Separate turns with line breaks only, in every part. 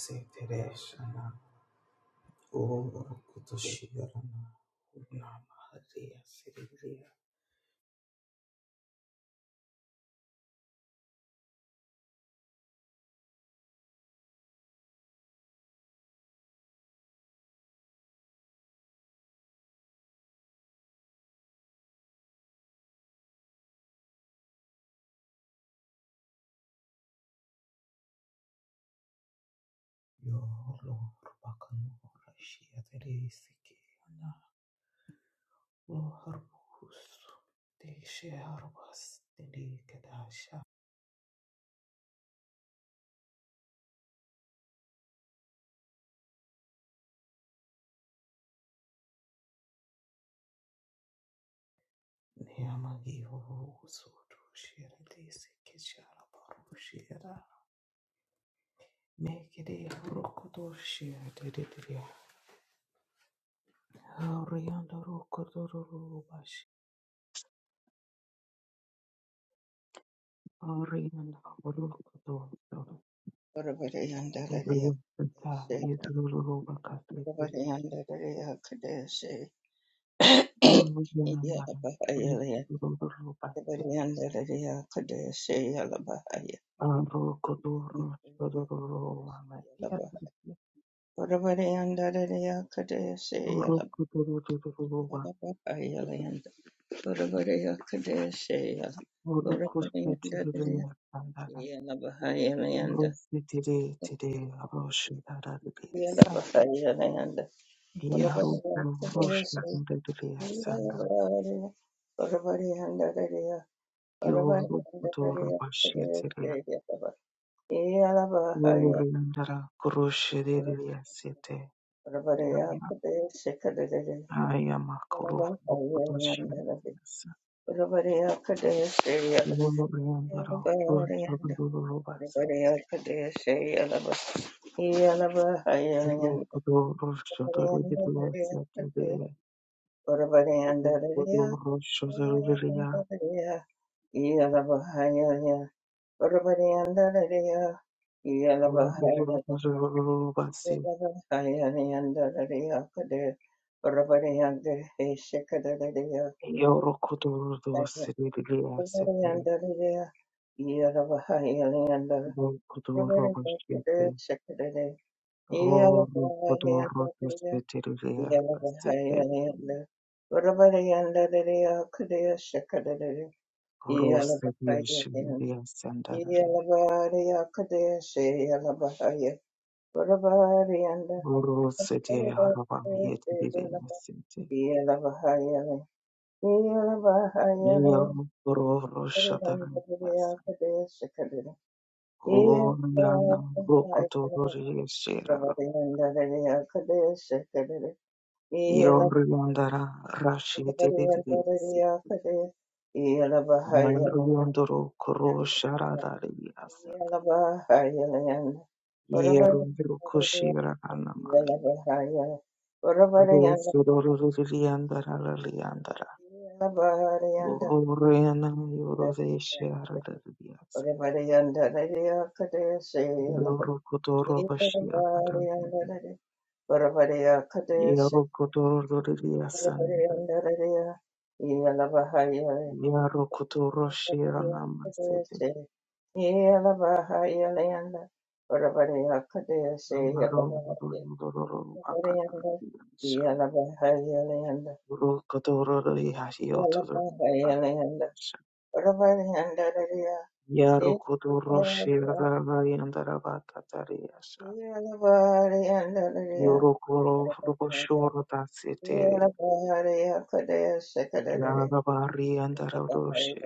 Setereshana Urukutushirana Unamaharia Siriria Yolo Bakanura Shiaterisikana Loharbus de Dedikadasha Neamagi Urusutu Shiratisikishara Parushira Mekede Rukutushia Dedidia Orianda Rukuturubashi Orianda Rukuturubashi
Urabariyandarariya
Urubusita
kadesi,
yedururubakasiteri
Urabariyandarariya kadesi,
yurugamba
Iyalabahayaliya,
rurubatse
Urabariyandarariya kadesi, Iyalabahaya,
arokoturu shorororobana
Iyalabah,
yadurye
Urabariyandarariya kadesi, Iyalab-
urokotorururubwa
Iyalabahayaliyanda, Urabariya kadesi, Iyalab- Urabariyandarariya,
urukushitiririmekandara
Iyalabahayaliyanda,
urusitiritiri rushitaraririesa
Iyalabahayaliyanda, Urabariya kadesi, Yeah.
yarurushitiririsanga yorukutorubashitiri urindara kurushiririesite Haya makuru bukudushimisa ururengero rw'ururubasi rw'ururushoto rw'igitwatsi kibera ururushoto ruriya
Yeah, Yalabariya
rw'ururubasi
Kadeshi
iyo rukudurudose ririya sepere rukudurubashite rukudurudose ririya sepere rose bishimiriya sandara
Uravarianda,
Boro sete haraba yete dede
Uravarianda,
sete.
Yelavahayale,
Meyor
Yelavahayale,
boro roşatara
Uravarianda, Yelavahayale,
basa.
Uravarianda,
Vor
Yelavahayale,
yana rokoto
Yelavahayale,
rori şera. Yor yandara raşi dede dede sete.
Yelavahayale,
Amayur
Yelavahayale,
yandoro koro şaradari yasak.
Uravarianda,
Yer yandoro koşira anamay.
Yelavahayale, Uravarianda,
Rosu doru rori yandara rori yandara.
Yeah.
yana yoro ve şera dede yasak. Yor kotoro başı Yaro kotororiya sanda. Yaro kotoroshira namasete. Amaro dororo bakatandira shanda. Ro kotororiya yoto bakatandira. Yaro kotoroshira nayandara bakatariya shanda.
Yeah,
Yoro koro rokoshoro tatsetere. Yara bari andara doroshe.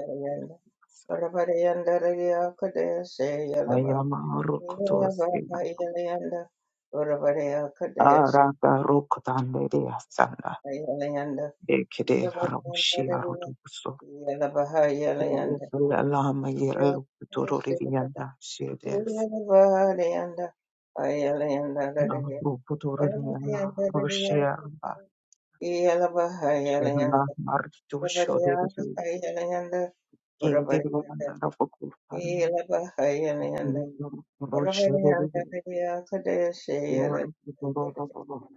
Ayama rokotosira. Arata rokotandiriya sanda. Ekede Haramshi Aruduso, Lama Yero Putorianda, Shedes, Namu Putoriana, Roshia, Shella, Martusho,
Urabarianda Urabarianda
Kindiranda, Fokupana,
Elabahayanda Urabarianda
Roshia, Yor Putoro,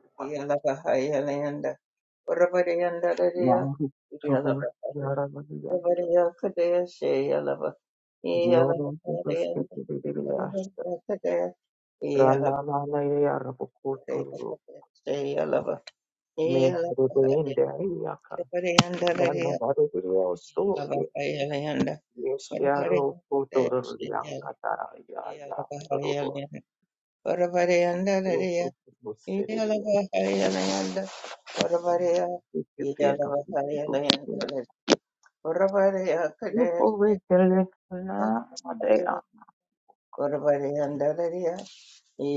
Yahu Tobor, Yara Vadiana, Yoro Putoskiria, Rana Lana Yarabukuru, Mehruinde, Dana baru beryoso ye ye siaro kotor yang kata ya
Yeah.
ya teruru lu lu lu serius kita nak itu lu kau kelak na Gana Barudio so Yesharo Kotoraya Toro Seria Yuporekelekana Madea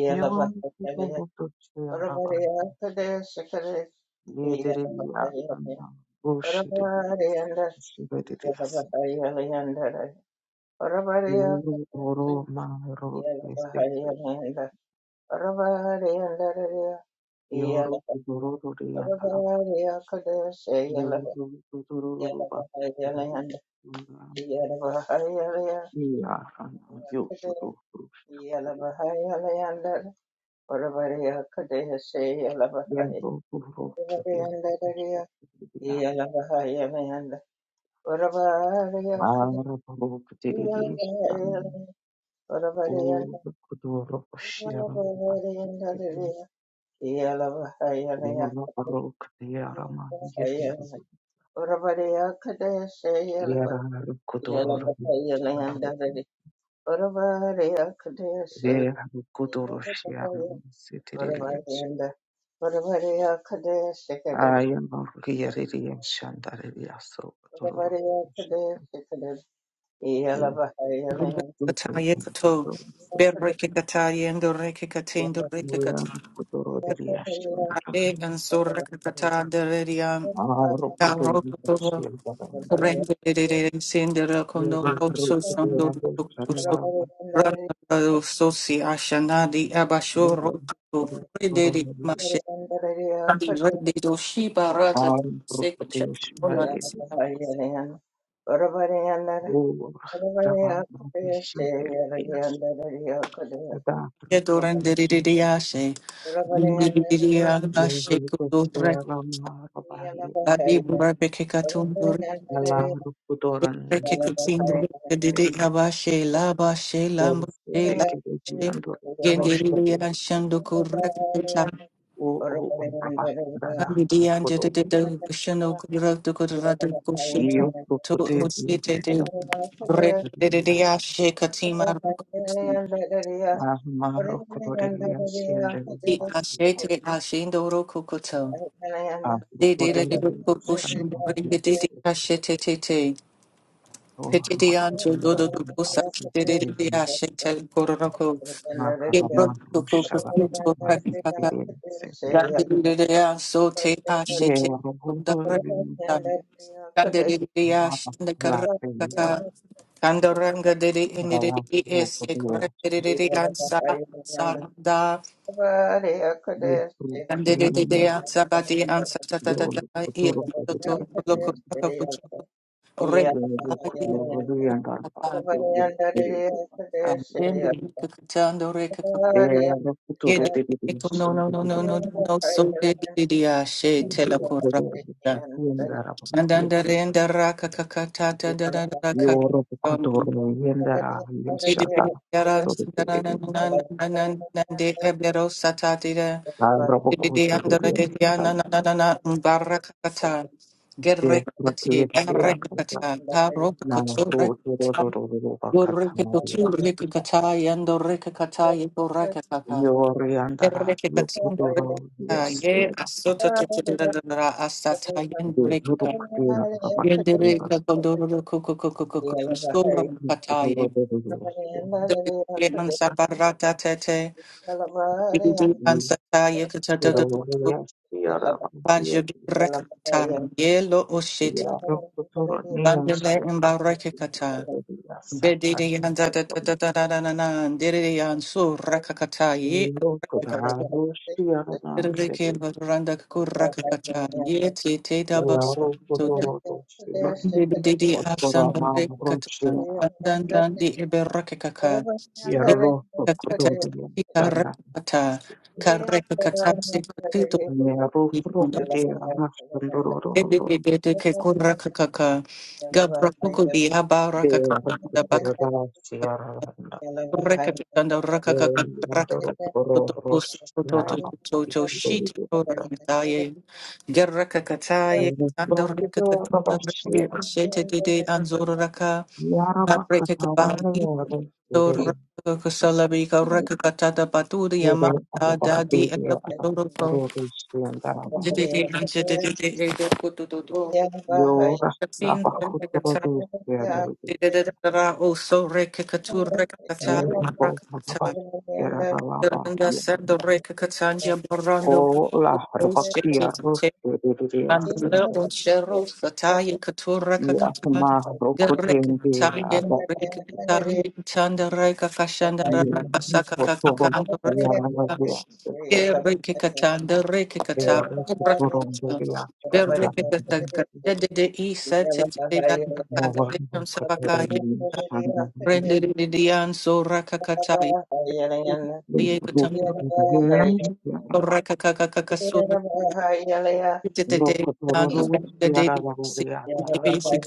Yeron Kutubutu Chiaravan Yediria Anna Bushidis Shibedias Yoro Maro
Yeah.
Yoro Kudoro I am Riri and Shandari Yaso Dororo. You
Kataye kato,
stupid
Yeah.
berreke kataye and the reke katin do reke
Yam Kudoro
kataye
Yashandra.
and sorreke kata deredia,
Aro
garo
Kudoro
kotovo,
Shildanda.
rende derere sendera kondo
Yere
rosso sondo
Rukudura
rosso.
Shanava.
Rando sosi ashanadi abasho roto rederi mashe adi rededo shiba rata
Am
seka
Rukudesh
chetona
Mayedi.
tsika.
O
Yeah.
Ravan Vishir Yas. Ada
Yedo renderi
Rukudesh.
ashe, renderi ashe Adi Burabeke Katundur, Beke Katsindur, Dede Abashe, Laba, She, Lamb, She, Lab, She, Gendiri, and Shandukur, Rakita, Amidi, and Dede, Shano, Kudrakudrata, Kushin, to Usite, Dede, Ashe, Katima, Rukutu, Ti Ashe, Te Ashe, Ndoro Kukutu, Dede, Kukushin, Dede, Ashe, Tete, Petidian to Dodo to do such delidia shetel coronco. It broke to cook a
Makabamarusaba
food for Prakaka.
Masikirensete.
Dandelidia so take a
There
shitty from the
Gotoli
Prakaka. Dandelidia
Mata Latte
shendakaraka. Kandaranga dedi in the
Ravastro
is a
Kotea
correct answer. Sada.
Yukirma
Dandelidia sabati answer
Yod
tatatata. Ear
Kotoro
to
Kotea
look at the
Yodo
Ring.
Kotoro Yandarva Yodo
Yeah. Thank
There Kotoro
Yede eko no no no no no no so de de de a she telekora
Yendara
and then the renda raka kakata da ra ka ka ka
Yoro
ta ta da da da ka
Kotoro Yendara
jede
Yoshata
yaran da na na na na na na na de ebero satati da
I am a very
de
good
de andra de
student.
de ya
I
na na na na na baraka kata
am a very
gerekati
good student.
erekata taro
I am a
kotsore
very good student.
Goreke kotsore kata yando reka kata
I
yeko
am a very
Yerreke katin
good
da ye
student. I
asoto tutudadadara asata yen brekika. Yendere da gondororo koko koko koko kustora mukataye. Dere mansa barata tete.
you.
Ibidi mansa taye katadadadu. Banjo brekata. Yelo oshiti. Bandele imbareke kata. Bedidi yanda da da da da da da da da. Dere yansu rekakata ye.
am a very good student.
Reke Randa Kurakata, yet ye Tata Box
Yaro
to
koto
the
roto siya,
Brinded Didi
otro
Asan
a maumoro siya.
Rekatan, Dandan di Eberakaka,
Yerlo koto roto
Dekatata,
ni charla.
Karakata, Karakata, Tito,
Mea roofro kiti a nasandoro ro ro ro.
Dedicate Kurakaka, Gabrakuku di Abarakaka,
Dea
the
koto
Bakaka.
roda siara la.
Rekatanda rakaka
Yerro
rakaka
aro ro ro
us toto
siara ba.
Yeah.
toto
Iki
shit
deyita.
Thank
ramitaye gerraka kataye
Ro
kanda
kito a
rekatanda
bashi.
shete dede anzor raka
Yara ba
apreke
kana ora
bahi
melewa to
tor
siere de.
rakaka salabi ka rakaka tata paturi
Iki
yama
eba aro ba
dadi
hinde eba aro
ekaporo ko
ro to sianta.
dede dede dede toto toto
Yo
kapsin
raba kutoro
rekatanda
dusya dorje.
dede dede ra o so rekaka tur rekaka
Yo bo baba era raba.
Ranga Sando Reka Katanya Barando
O la raba kia rusya dorje
Mandala on
sende.
Shero Sataya Katura
Ya
Kakata
ma
Gareka
rokutende
Katanya
aba.
Reka Katanya Tanda Reka Kashanda Rana
Yo
Kasaka
kutoro
Kakanda Reka
ya raba ya sende.
Reka Katanda Reka
Ya
Katara Reka
kutoro dorje sanga.
Kataka
you.
Dede Isa Tede
Mo
Kakanda
kutoro
Sapakaya
dorje sanga.
Rende Dian Sora Kakataya
Rokutoro dorje.
the the day,
Rokotororo
The day, the
yararaburiya dararaba.
basic.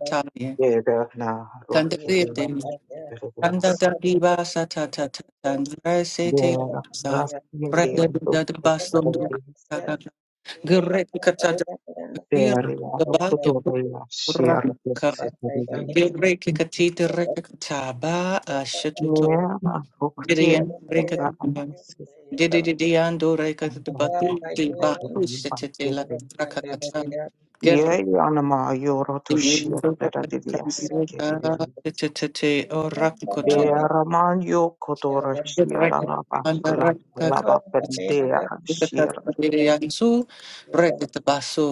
satire.
Yeda na rokede
Candidate,
yararaburiya.
Randa da Diva Satata, and Rasate,
Dera
Sa,
rastindiya
Randa da Basundu,
rokotororiyasa.
Gurret Katata,
Dera
the bag,
rokotororiya
Raka,
shiyaraburisetoriyasa.
Gilrek Katita, Rekataba, a Shatutu,
Niyana roktiye
Gideon, break
dera
it.
abansiz.
Dididiando rekatabakuti
Yeah.
bakushitete la
Thank
rakakatan. Ger
Yeyi anama yoro to
didiendo
shiyaraburiya
rakatabuka tete o rakukoto.
Bearamanio Kotora Shiara Laba
Rekatamanda
Laba
rakakatsuka.
Pendea Shira
Rekatabiliansu rekatabasu.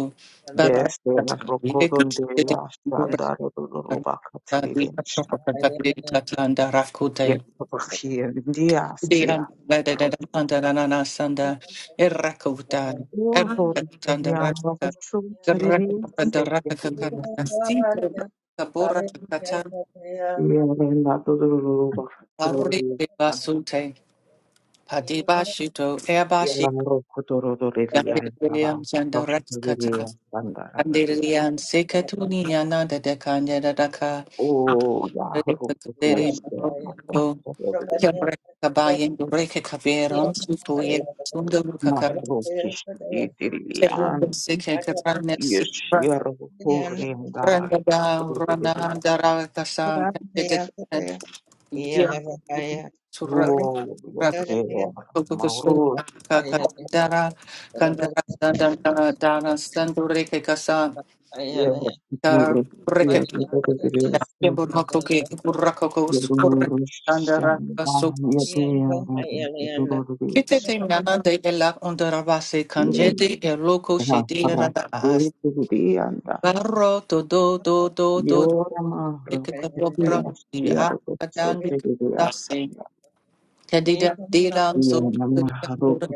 Beste Rokodon de
Barakatabilikatsuka
la
didiendo
Sandar
rakatabuka.
Ruba
Di
Catrilinsta
apropakatabilikatlanda rakute.
Yet Rokia India
Dian
Sia
da da da
Rosa
da anda na na na sanda erakuta
Uri
erakatanda
Pedia
rakata
Rosu Terri
erakata
Sekendia
rakakakanda sita rakabora kakata
Yelena Ruba Catruli
arite basute padibashito ebashi
Yelan Rokodoro
yambe
Dorian Lava
william sanda
Rosa
rakata
Lilia Sandar
andirian sekatuni ananda de kanda da daka
Oh, yeah, O
rekakaderi
you.
ko
Yahrukesera
Kabayan, Reka Caveron, Supoye, Sundar Kete
Nasrukistirian Yeshero Purim Darai Puridia O Yokeva Mauru Yevur
te mana de ela ondara vase kanjete e loko shedira da
Yerusham
Barro to do do do do
Yor
take
mahrobu
the program
kiyas,
the
yarobu
akadang
Yeah.
dasi
soziyiyasanda.
Yes,
kadida dilang so
Yana
kadida
mahroku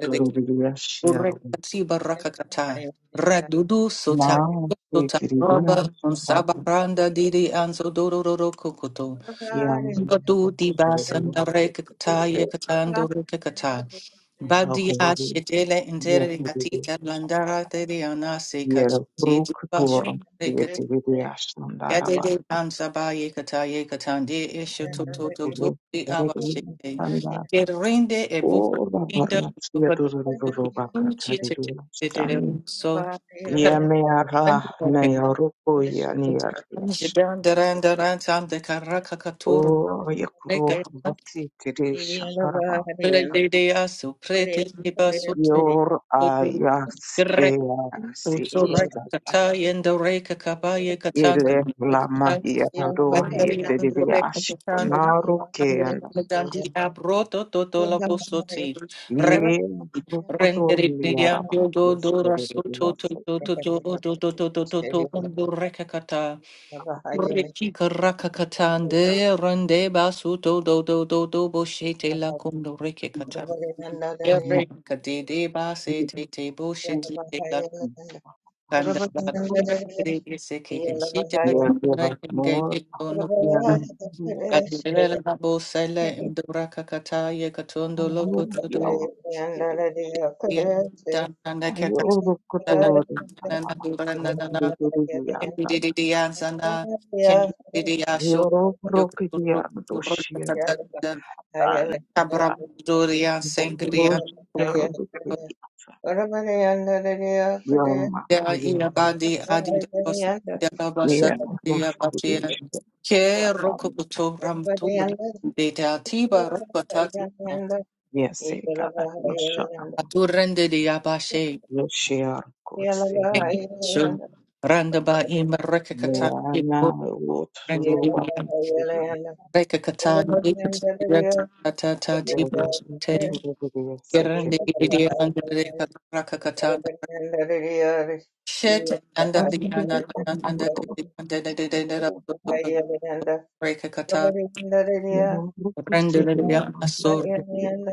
urek
torobiyaschiyarobu.
baraka kata radudu
Na
sota sota roba on
o'zbekiriyunasumbarda.
sabaranda didi anso dororo kokoto
Yam
Badu di
oshroq
basan da reka kata ye katan do reka kata. Badi
yuqori
ashetele intere katita
yuqoriyosan.
landara te de anase
Yerobruk
kachiti
torom yetiyiyasanda
Yadede
araban.
ansaba yekata yekatande esho to to to to
Gulub
the
yergi
abashite.
yanda.
Gerinde e buka
O'zda
ida
barcha
buka
siyatuzlar
buka suchi
jarobakataydi
te te te te te
yosan.
so.
Yamera Nayaruko Yanirash.
Jidan daran daran tam de karaka katur.
O Yakro
sir. Yeah.
Vasitirisha Arva.
Dea suprete iba soto
Yor
soto
Ayas
gre soto
Easikisha.
rekata yendo reka kabaye katan
Ile Lama
katan
Yaro
andari ando reka
Yediviash.
katan
Naru
ando
Ken.
dandi abroto toto la posoti re
Ye Rukotor
rendere di
Yarava.
ando do do rasoto to
Rushkeriviasa.
to to to to to to to reki karaka katan rende basu do do do do do boshete la kundo Every kadidi basi titi bushiti la kanda la kunda kadidi seki kishita
Yeah, give
kunda
us more.
kengeji tono
Yeah.
kadidele la bosele imdura kakata ye katondo loko tudo yan kanda kakata na na na na dura na na na kendidi dianzana kendidi asho yokuturu kakata kabra durian sengrian Dea ina badi adi de la basha de la batera. Ke rokobuto ram tubra de te atiba rokotat de abashe.
Yeah.
Shun randa ba im rekakata rende de ya rekakata ikata tata tiba te gerende de de anda rakakata shet anda de
Rukundo
anda anda
amukunda
de anda de de de de
kuona
rekakata
rukuseriya
Renderia Asor
rwekurekerera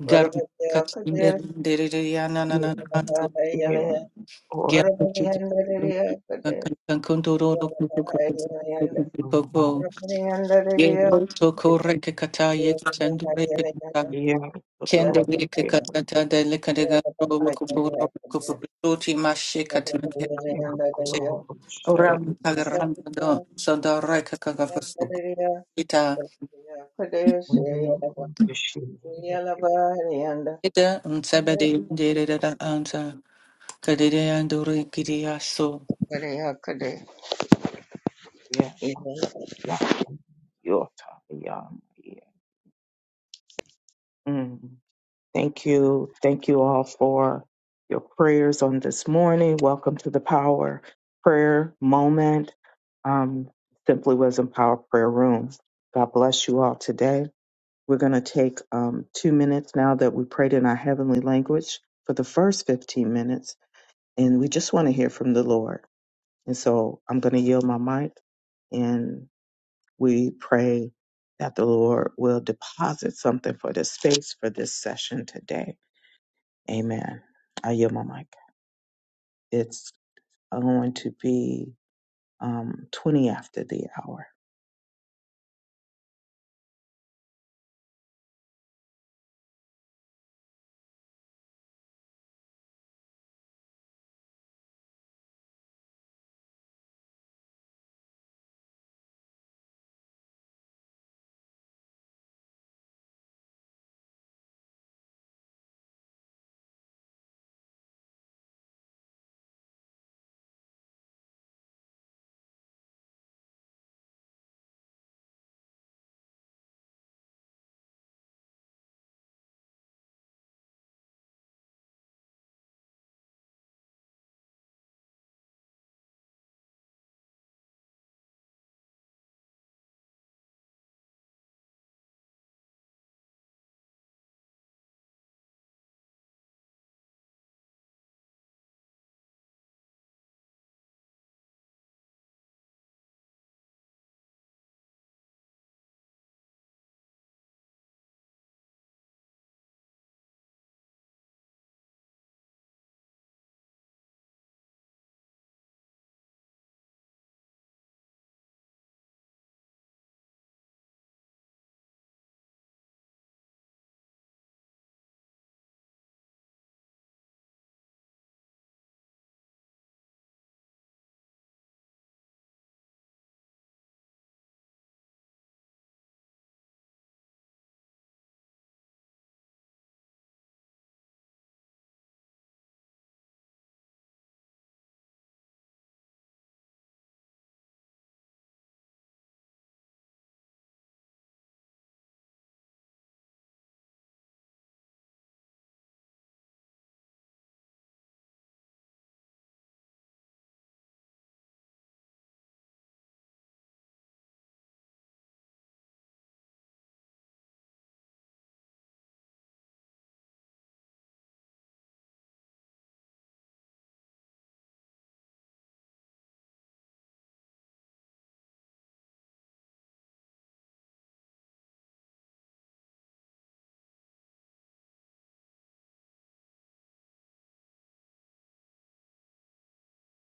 Garkat in Renderia Nanana Kandu
oro
Gerkut Kankundoro Koko Yero Toko Rekata Yet and Rekata
iya kutoro
Kende Rekata de Lekadega Robokoporo Kopoti Mashikatan
yerukundo
Hello,
Oram
rushararisa
Kagaranda Soda Rekaka Ita
iyo rukushiriya
Ita Unsabedi Deda Anta Kadidianduri Gidiaso
ya yota ya iya Thank you. Thank you all for your prayers on this morning. Welcome to the Power Prayer Moment. Um, Simply Wisdom Power Prayer Room. God bless you all today. We're going to take um, two minutes now that we prayed in our heavenly language for the first 15 minutes, and we just want to hear from the Lord. And so I'm going to yield my mic, and we pray that the Lord will deposit something for this space for this session today. Amen. I yield my mic. It's going to be um, 20 after the hour.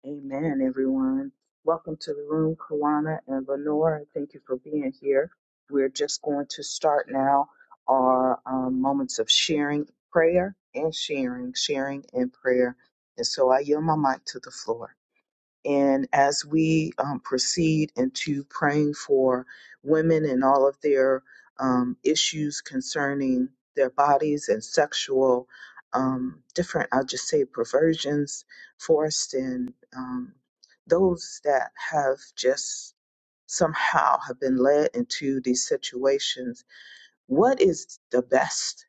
Amen, everyone. Welcome to the room, Kawana and Lenore. Thank you for being here. We're just going to start now our um, moments of sharing prayer and sharing, sharing and prayer. And so I yield my mic to the floor. And as we um, proceed into praying for women and all of their um, issues concerning their bodies and sexual um, different, I'll just say, perversions, forced and um, those that have just somehow have been led into these situations, what is the best?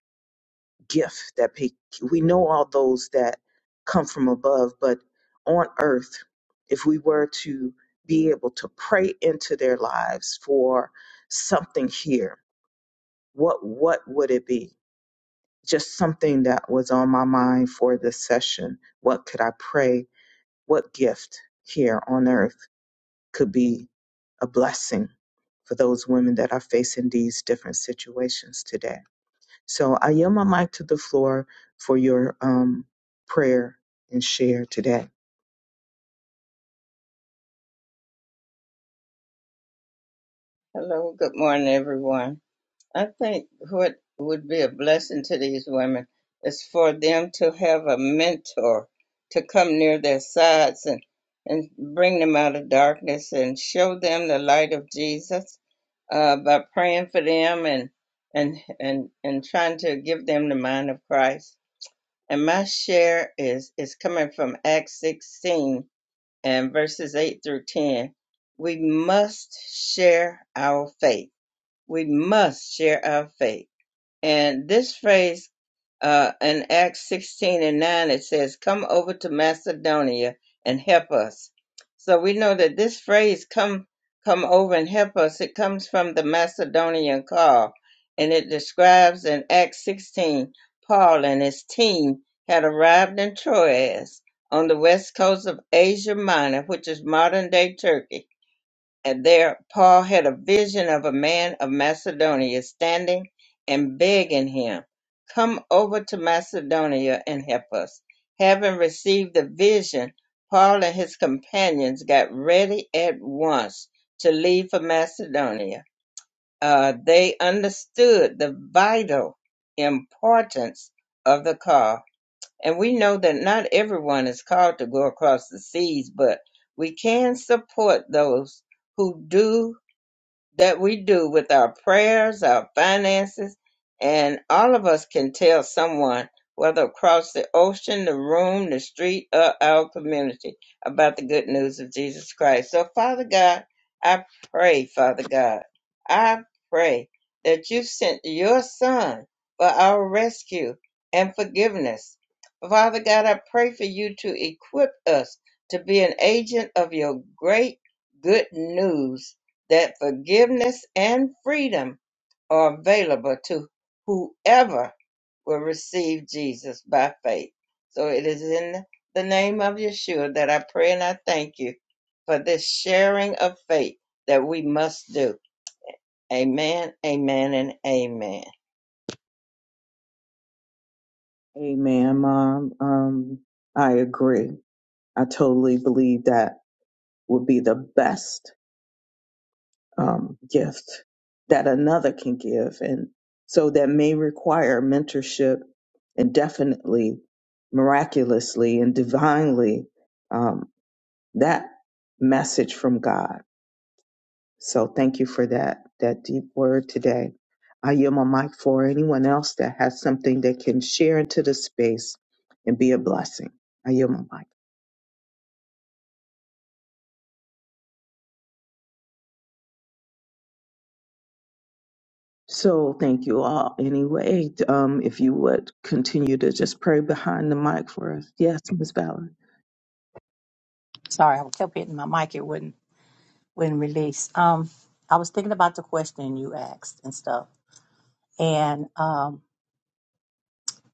gift that pe- we know all those that come from above, but on earth, if we were to be able to pray into their lives for something here, what what would it be? Just something that was on my mind for this session. What could I pray? What gift here on earth could be a blessing for those women that are facing these different situations today? So I yield my mic to the floor for your um, prayer and share today.
good morning, everyone. I think what would be a blessing to these women is for them to have a mentor to come near their sides and, and bring them out of darkness and show them the light of Jesus uh, by praying for them and, and and and trying to give them the mind of Christ. And my share is is coming from Acts 16 and verses 8 through 10. We must share our faith. We must share our faith and this phrase uh, in Acts 16 and 9, it says, Come over to Macedonia and help us. So we know that this phrase, come, come over and help us, it comes from the Macedonian call. And it describes in Acts 16, Paul and his team had arrived in Troas on the west coast of Asia Minor, which is modern day Turkey and there Paul had a vision of a man of Macedonia standing and begging him, Come over to Macedonia and help us. Having received the vision, Paul and his companions got ready at once to leave for Macedonia. Uh, they understood the vital importance of the call. And we know that not everyone is called to go across the seas, but we can support those who do that we do with our prayers, our finances, and all of us can tell someone, whether across the ocean, the room, the street, or our community, about the good news of Jesus Christ. So, Father God, I pray, Father God, I pray that you sent your Son for our rescue and forgiveness. Father God, I pray for you to equip us to be an agent of your great good news that forgiveness and freedom are available to whoever will receive Jesus by faith. So it is in the name of Yeshua that I pray and I thank you for this sharing of faith that we must do. Amen, amen, and amen.
Amen, Mom. Um, I agree. I totally believe that would be the best um, gift that another can give. And so that may require mentorship and definitely miraculously and divinely um, that message from God. So thank you for that that deep word today. I yield my mic for anyone else that has something they can share into the space and be a blessing. I yield my mic. So thank you all. Anyway, um, if you would continue to just pray behind the mic for us. Yes, Miss Valerie.
Sorry, I kept hitting my mic. It wouldn't wouldn't release. Um, I was thinking about the question you asked and stuff, and um,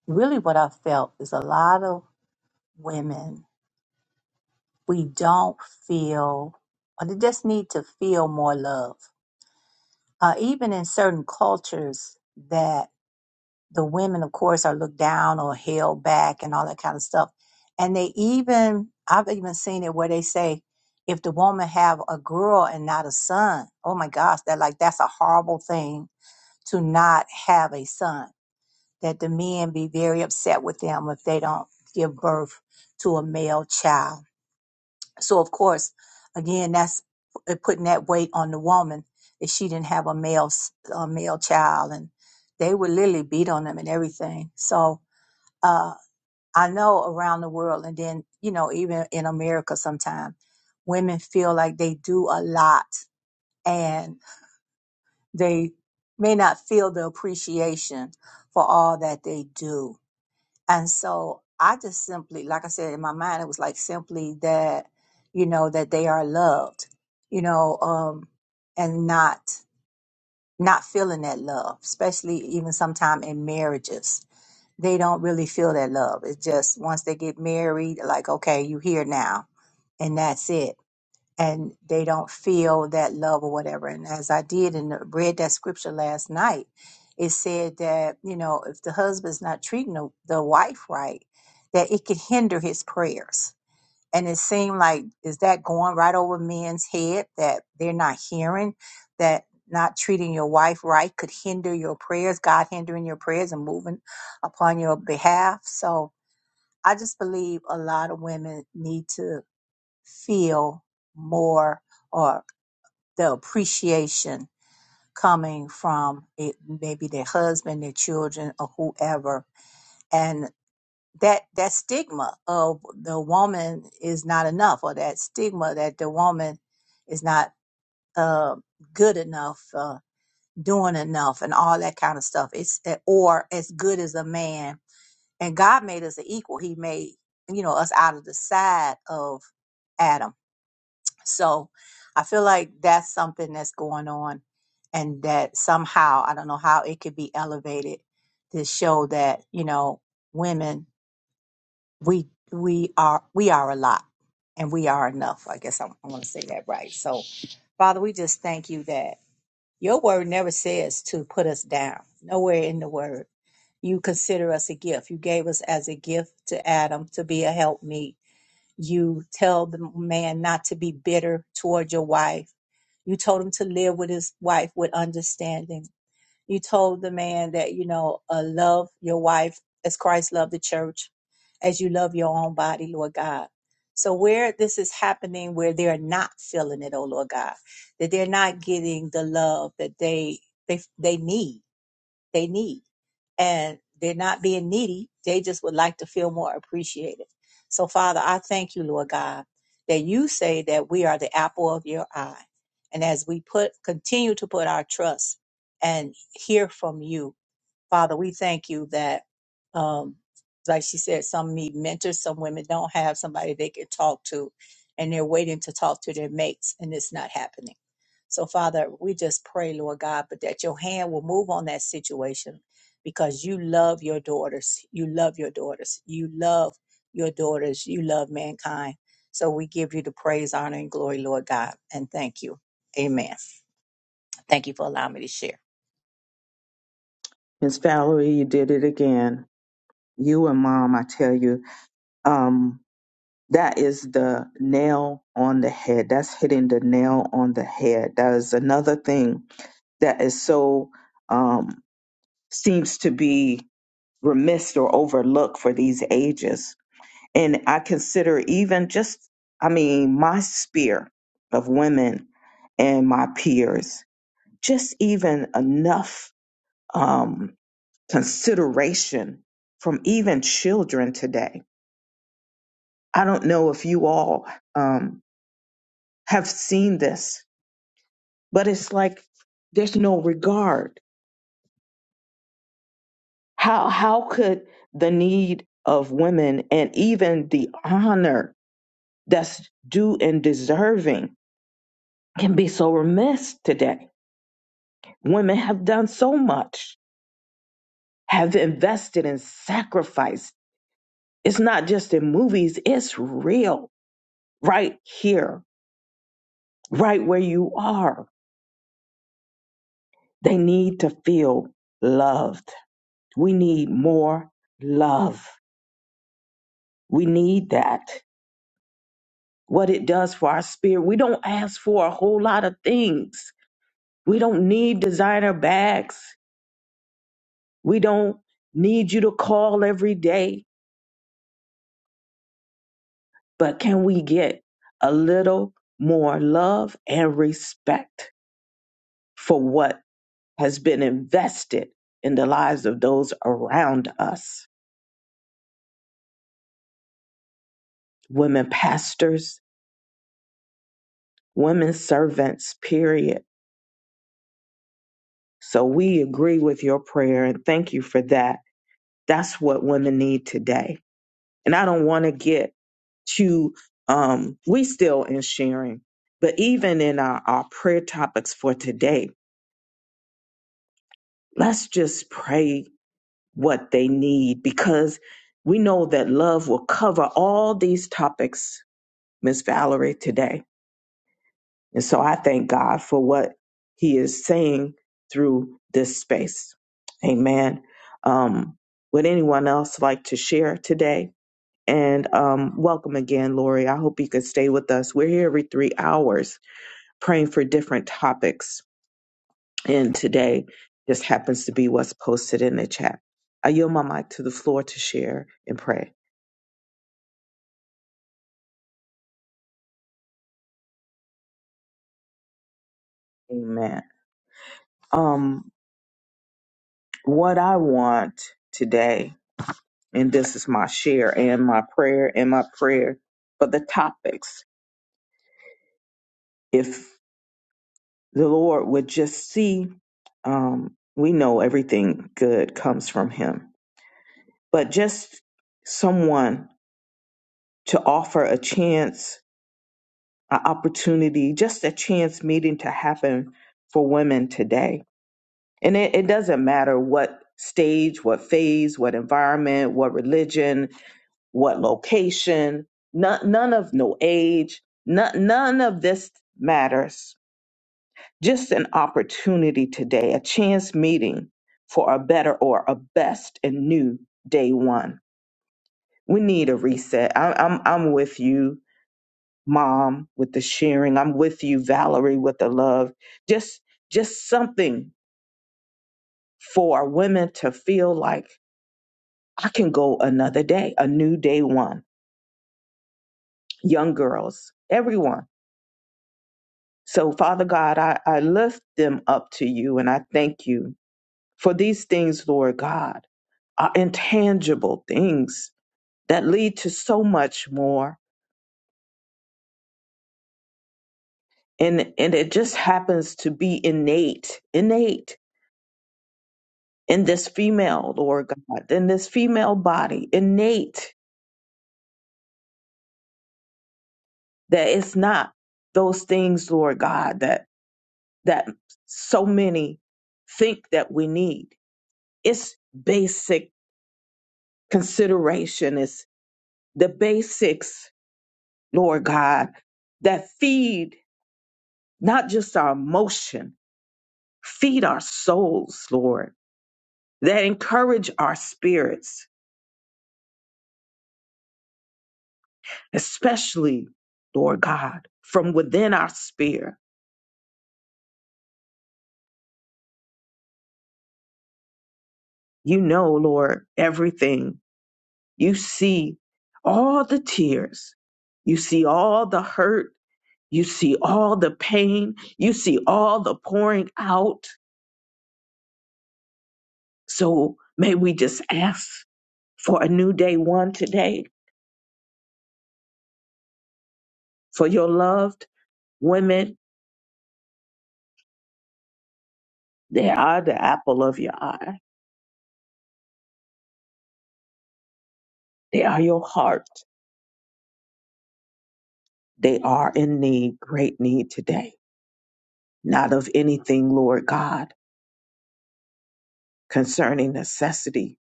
really what I felt is a lot of women we don't feel, or they just need to feel more love. Uh, even in certain cultures that. the women, of course, are looked down or held back and all that kind of stuff. And they even, I've even seen it where they say, if the woman have a girl and not a son, oh my gosh, that like that's a horrible thing to not have a son. That the men be very upset with them if they don't give birth to a male child so of course, again, that's p- putting that weight on the woman if she didn't have a male s- a male child, and they would literally beat on them and everything. So uh, I know around the world, and then you know even in America, sometimes women feel like they do a lot and they may not feel the appreciation for all that they do and so I just simply, like I said, in my mind, it was like simply that, you know, that they are loved, you know, um, and not not feeling that love, especially even sometime in marriages. They don't really feel that love. It's just once they get married, like, okay, you here now, and that's it and they don't feel that love or whatever. And as I did and read that scripture last night, it said that, you know, if the husband's not treating the, the wife right, that it could hinder his prayers. And it seemed like, is that going right over men's head that they're not hearing that? Not treating your wife right could hinder your prayers, God hindering your prayers and moving upon your behalf. So I just believe a lot of women need to feel more or the appreciation coming from it, maybe their husband, their children, or whoever. And that that stigma of the woman is not enough, or that stigma that the woman is not uh, good enough, uh, doing enough, and all that kind of stuff. It's eh, or as good as a man. And God made us an equal. He made you know us out of the side of Adam So I feel like that's something that's going on, and that somehow, I don't know how it could be elevated to show that, you know, women, we we are we are a lot and we are enough. I guess I, I want to say that right. So Father, we just thank you that your word never says to put us down. Nowhere in the word. You consider us a gift. You gave us as a gift to Adam to be a helpmeet. You tell the man not to be bitter toward your wife you told him to live with his wife with understanding. You told the man that, you know, uh, love your wife as Christ loved the church, as you love your own body, Lord God. So, where this is happening, where they're not feeling it, oh Lord God, that they're not getting the love that they, they, they need, they need and they're not being needy. They just would like to feel more appreciated. So, Father, I thank you, Lord God, that you say that we are the apple of your eye. And as we put continue to put our trust and hear from you, Father, we thank you that, um, like she said, some need mentors, some women don't have somebody they can talk to, and they're waiting to talk to their mates, and it's not happening. So, Father, we just pray, Lord God, but that your hand will move on that situation because you love your daughters. You love your daughters. You love your daughters. You love mankind. So we give you the praise, honor, and glory, Lord God, and thank you. Amen. Thank you for allowing me to share.
Miss Valerie, you did it again. You and mom, I tell you, um, that is the nail on the head. That's hitting the nail on the head. That is another thing that is so um, seems to be remissed or overlooked for these ages. And I consider even just, I mean, my sphere of women and my peers, just even enough um, consideration from even children today. I don't know if you all um, have seen this, but it's like there's no regard How how could the need of women and even the honor that's due and deserving can be so remiss today? Women have done so much, have invested and sacrificed. It's not just in movies, it's real. Right here, right where you are. They need to feel loved. We need more love. We need that. what it does for our spirit. We don't ask for a whole lot of things. We don't need designer bags. We don't need you to call every day. But can we get a little more love and respect for what has been invested in the lives of those around us? Women pastors, women servants, period. So we agree with your prayer and thank you for that. That's what women need today And I don't want to get to um, we still in sharing, but even in our, our prayer topics for today, let's just pray what they need because we know that love will cover all these topics, Miss Valerie, today. And so I thank God for what he is saying through this space. Amen. Um, would anyone else like to share today? And um, welcome again, Lori. I hope you could stay with us. We're here every three hours praying for different topics. And today just happens to be what's posted in the chat. I yield my mic to the floor to share and pray. Amen. Um, what I want today, and this is my share and my prayer and my prayer for the topics. If the Lord would just see, um, we know everything good comes from Him but just someone to offer a chance, an opportunity, just a chance meeting to happen for women today. And it, it doesn't matter what stage, what phase, what environment, what religion, what location, none, none of no age, none, none of this matters. Just an opportunity today, a chance meeting for a better or a best and new day one. we need a reset. I, I'm I'm with you, Mom, with the sharing. I'm with you, Valerie, with the love. Just just something for women to feel like I can go another day, a new day one. Young girls, everyone. So Father God, I, I lift them up to you and I thank you for these things, Lord God, are intangible things that lead to so much more. And and it just happens to be innate, innate in this female, Lord God, in this female body, innate that it's not those things, Lord God, that that so many think that we need. It's basic consideration. It's the basics, Lord God, that feed not just our emotion, feed our souls, Lord, that encourage our spirits, especially, Lord God, from within our spirit You know, Lord, everything. You see all the tears. You see all the hurt. You see all the pain. You see all the pouring out. So may we just ask for a new day one today for your loved women. They are the apple of your eye. They are your heart. They are in need, great need today. Not of anything, Lord God, concerning necessity,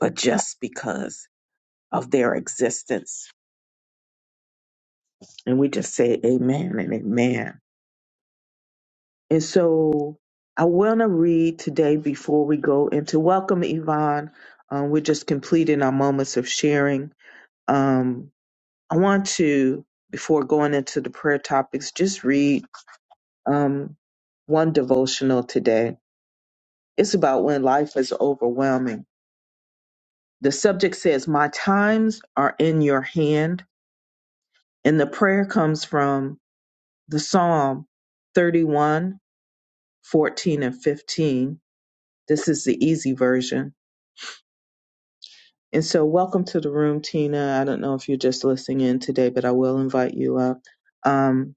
but just because. of their existence. And we just say amen and amen. And so I want to read today before we go into welcome, Yvonne. Um, we're just completing our moments of sharing. Um, I want to, before going into the prayer topics, just read um, one devotional today. It's about when life is overwhelming. The subject says, My times are in your hand. And the prayer comes from the Psalm 31 14 and 15. This is the easy version. And so, welcome to the room, Tina. I don't know if you're just listening in today, but I will invite you up. Um,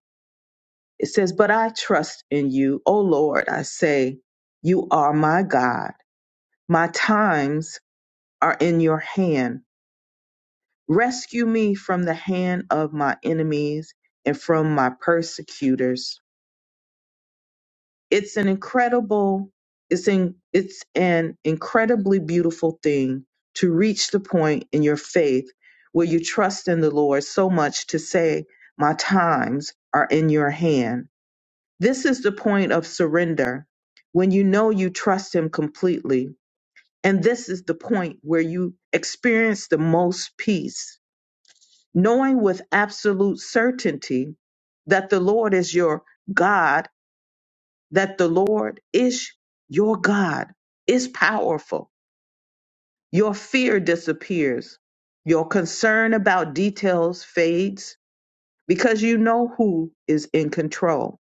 it says, But I trust in you, O Lord. I say, You are my God. My times are in your hand. Rescue me from the hand of my enemies and from my persecutors. it's an incredible it's in it's an incredibly beautiful thing to reach the point in your faith where you trust in the Lord so much to say my times are in your hand this is the point of surrender when you know you trust him completely and this is the point where you experience the most peace knowing with absolute certainty that the Lord is your God that the Lord is your God, is powerful. Your fear disappears. Your concern about details fades because you know who is in control.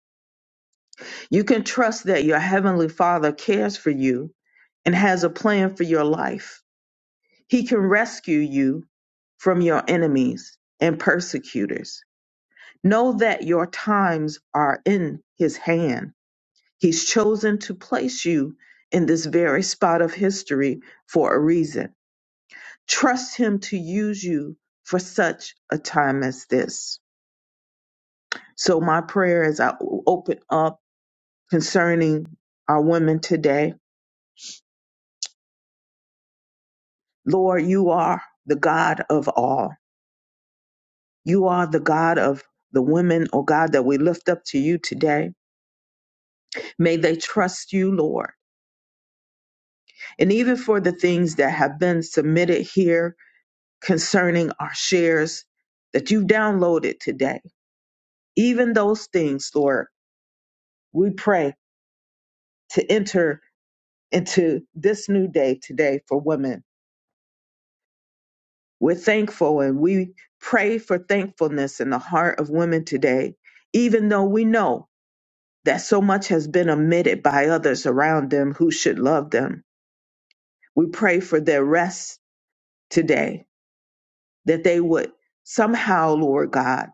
You can trust that your Heavenly Father cares for you and has a plan for your life. He can rescue you from your enemies and persecutors. Know that your times are in His hand He's chosen to place you in this very spot of history for a reason. Trust Him to use you for such a time as this. So, my prayer as I open up concerning our women today Lord, you are the God of all. You are the God of the women, oh God, that we lift up to you today. May they trust you, Lord. And even for the things that have been submitted here concerning our shares that you've downloaded today. Even those things, Lord, we pray to enter into this new day today for women. We're thankful and we pray for thankfulness in the heart of women today, even though we know that so much has been omitted by others around them who should love them. We pray for their rest today, that they would somehow, Lord God,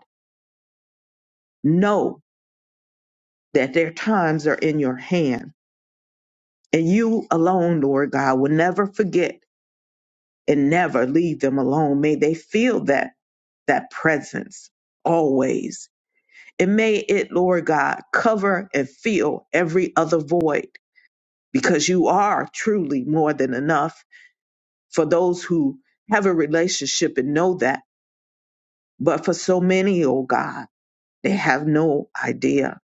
know that their times are in your hand And you alone, Lord God, will never forget and never leave them alone. May they feel that that presence always. And may it, Lord God, cover and fill every other void because you are truly more than enough for those who have a relationship and know that. But for so many, oh God, they have no idea.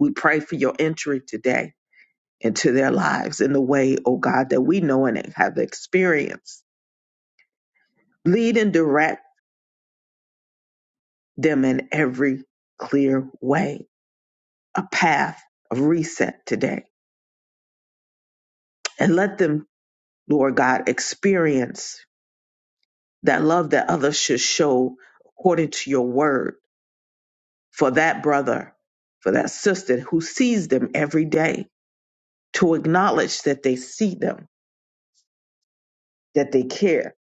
We pray for your entry today into their lives in the way, oh God, that we know and have experienced Lead and direct them in every clear way, a path of reset today. And let them, Lord God, experience that love that others should show according to your word for that brother, for that sister who sees them every day, to acknowledge that they see them, that they care,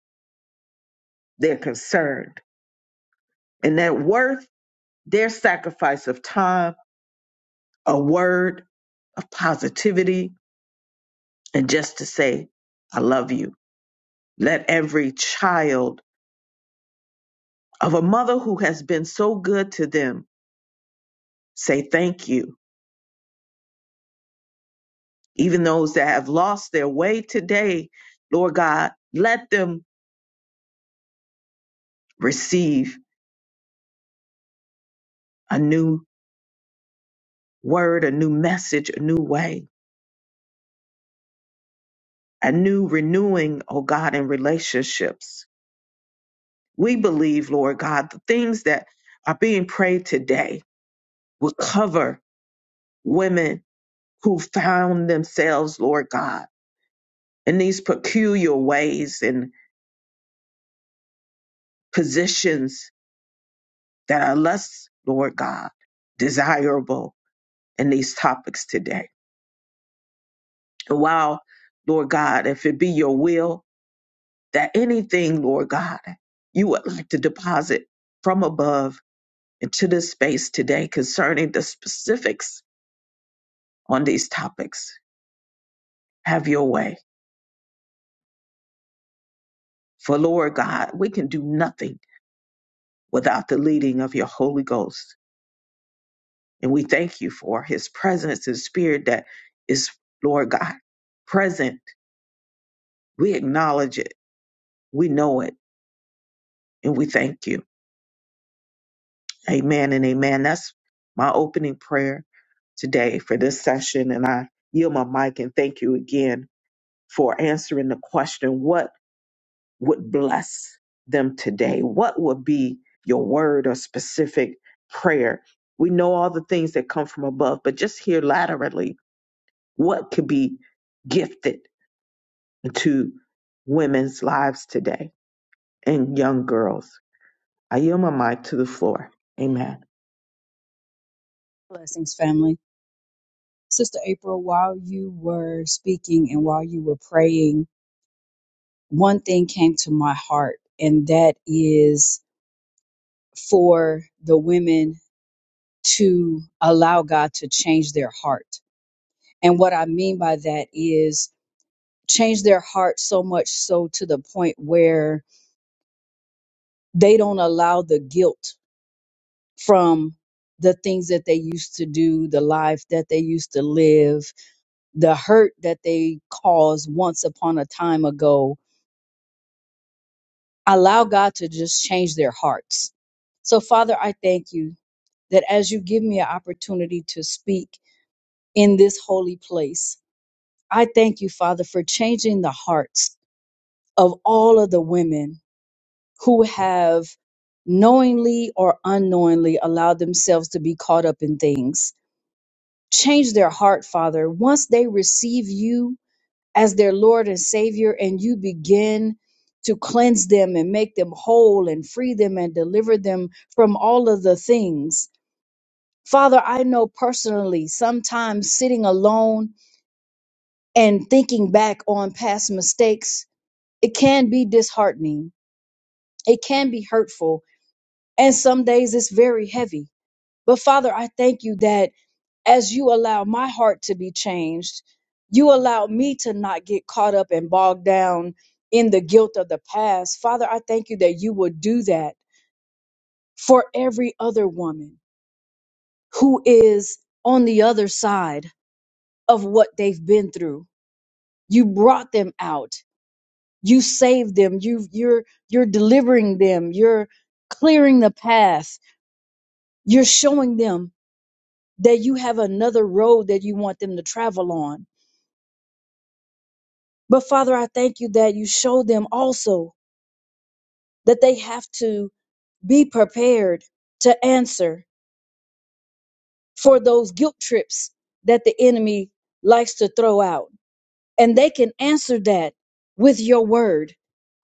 they're concerned, and that worth their sacrifice of time, a word of positivity, and just to say, I love you Let every child of a mother who has been so good to them say thank you. Even those that have lost their way today, Lord God, let them receive a new word, a new message, a new way, a new renewing, oh God, in relationships. We believe, Lord God, the things that are being prayed today will cover women who found themselves, Lord God, in these peculiar ways and. positions that are less, Lord God, desirable in these topics today. And while, Lord God, if it be your will that anything, Lord God, you would like to deposit from above into this space today concerning the specifics on these topics, have your way. For, Lord God, we can do nothing without the leading of your Holy Ghost. And we thank you for his presence and spirit that is, Lord God, present We acknowledge it. We know it. And we thank you. Amen and amen. That's my opening prayer today for this session. And I yield my mic and thank you again for answering the question what would bless them today? What would be your word or specific prayer? We know all the things that come from above, but just here laterally, what could be gifted to women's lives today and young girls? I yield my mic to the floor. Amen.
Blessings, family. Sister April, while you were speaking and while you were praying, one thing came to my heart, and that is for the women to allow God to change their heart. And what I mean by that is change their heart so much so to the point where they don't allow the guilt from the things that they used to do, the life that they used to live, the hurt that they caused once upon a time ago. Allow God to just change their hearts. So, Father, I thank you that as you give me an opportunity to speak in this holy place, I thank you, Father, for changing the hearts of all of the women who have knowingly or unknowingly allowed themselves to be caught up in things. Change their heart, Father. Once they receive you, as their Lord and Savior, and you begin to cleanse them and make them whole and free them and deliver them from all of the things. Father, I know personally sometimes sitting alone and thinking back on past mistakes, it can be disheartening. It can be hurtful. And some days it's very heavy. But Father, I thank you that. as you allow my heart to be changed, you allow me to not get caught up and bogged down in the guilt of the past. Father, I thank you that you will do that for every other woman who is on the other side of what they've been through. You brought them out. You saved them. You you're you're delivering them. You're clearing the path. You're showing them that you have another road that you want them to travel on But Father, I thank you that you show them also that they have to be prepared to answer for those guilt trips that the enemy likes to throw out. And they can answer that with your word,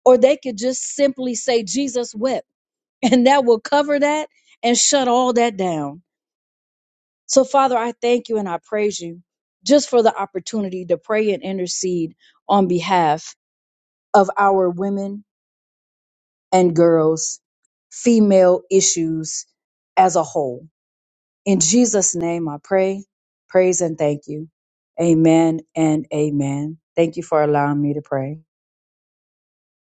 or they could just simply say, Jesus wept, and that will cover that and shut all that down. So, Father, I thank you and I praise you just for the opportunity to pray and intercede on behalf of our women and girls, female issues as a whole. In Jesus' name, I pray, praise, and thank you. Amen and amen. Thank you for allowing me to pray.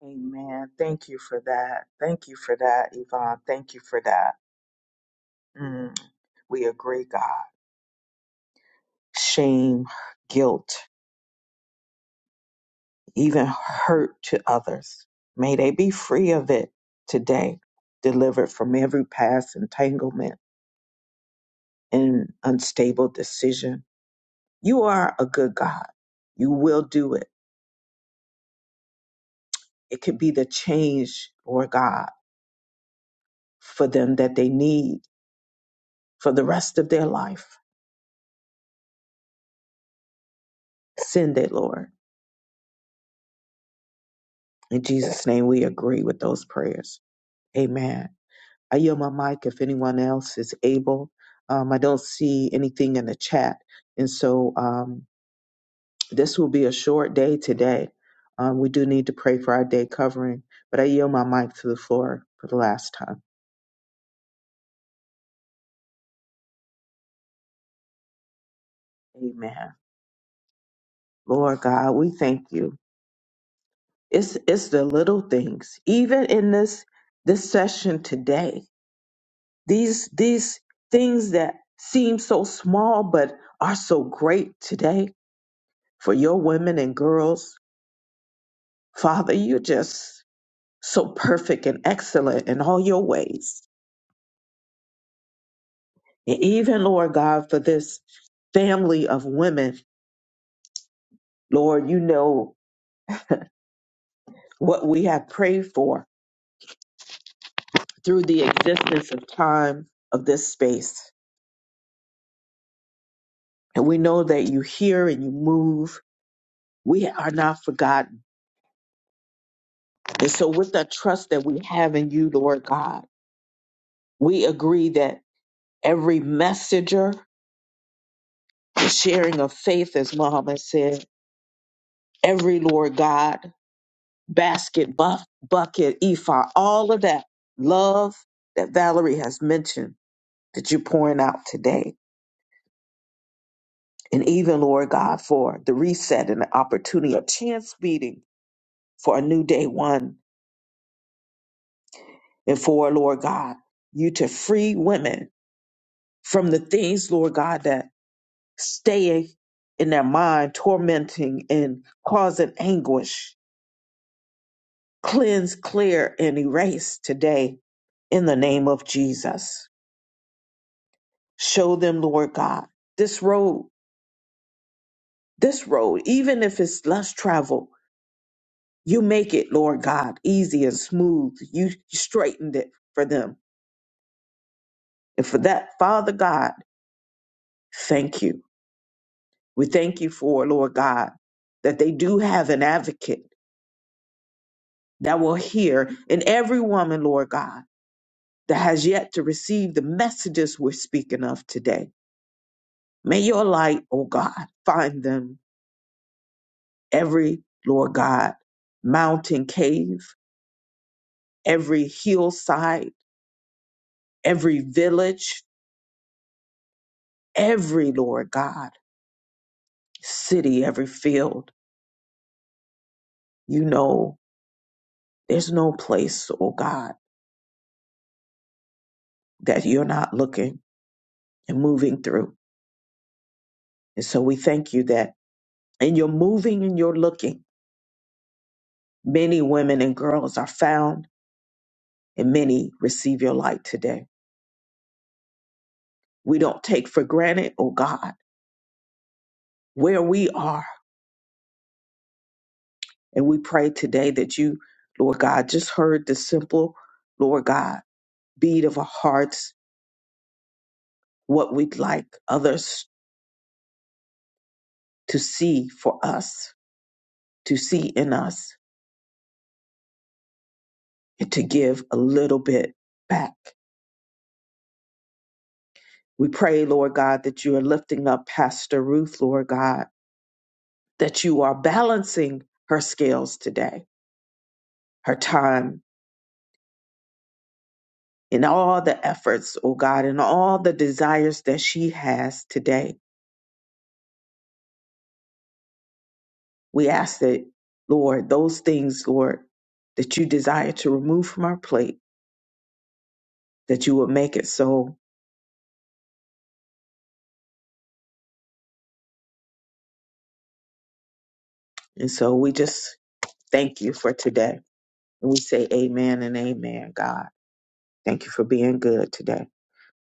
Amen. Thank you for that. Thank you for that, Yvonne. Thank you for that. Mm, we agree, God. Shame, guilt, even hurt to others. May they be free of it today, delivered from every past entanglement and unstable decision. You are a good God. You will do it. It could be the change, Lord God, for them that they need for the rest of their life Send it, Lord. In Jesus' name, we agree with those prayers. Amen. I yield my mic if anyone else is able. Um, I don't see anything in the chat. And so um, this will be a short day today. Um, we do need to pray for our day covering, but I yield my mic to the floor for the last time. Amen. Lord God, we thank you. It's it's the little things, even in this this session today these these things that seem so small but are so great today for your women and girls father you're just so perfect and excellent in all your ways and even lord god for this family of women lord you know what we have prayed for through the existence of time of this space and we know that you hear and you move we are not forgotten and so with that trust that we have in you lord god We agree that every messenger, sharing of faith, as Muhammad said, every Lord God, basket, buff, bucket, ephah, all of that love that Valerie has mentioned that you're pouring out today. And even, Lord God, for the reset and the opportunity, a chance meeting for a new day one. And for, Lord God, you to free women from the things, Lord God, that stay in their mind, tormenting and causing anguish. Cleanse, clear, and erase today in the name of Jesus. Show them, Lord God, this road, this road, even if it's less travel, you make it, Lord God, easy and smooth. You straightened it for them. And for that, Father God, thank you. We thank you for, Lord God, that they do have an advocate that will hear in every woman, Lord God that has yet to receive the messages we're speaking of today. May your light, O God, find them every, Lord God, mountain cave, every hillside, every village, every, Lord God, city, every field. You know, there's no place, O God, that you're not looking and moving through. And so we thank you that in your moving and your looking, many women and girls are found and many receive your light today. We don't take for granted, oh God, where we are. And we pray today that you, Lord God, just heard the simple, Lord God, beat of our hearts, what we'd like others to see for us, to see in us, and to give a little bit back. We pray, Lord God, that you are lifting up Pastor Ruth, Lord God, that you are balancing her scales today, her time in all the efforts, oh God, in all the desires that she has today. We ask that, Lord, those things, Lord, that you desire to remove from our plate, that you will make it so. And so we just thank you for today. And we say amen and amen, God. Thank you for being good today.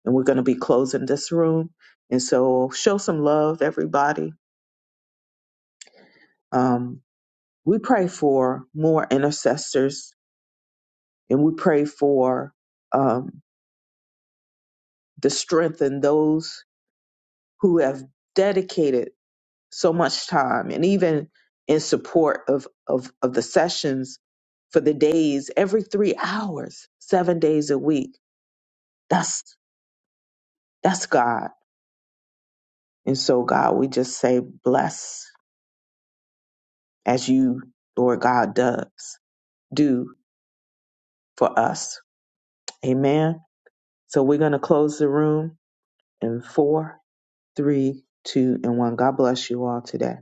And we're going to be closing this room. And so show some love, everybody. Um, we pray for more intercessors and we pray for um, The strength in those who have dedicated so much time and even in support of, of, of the sessions for the days every three hours, seven days a week. That's that's God. And so God, we just say bless as you, Lord God, does do for us. Amen. So we're gonna close the room in four, three, two, and one. God bless you all today.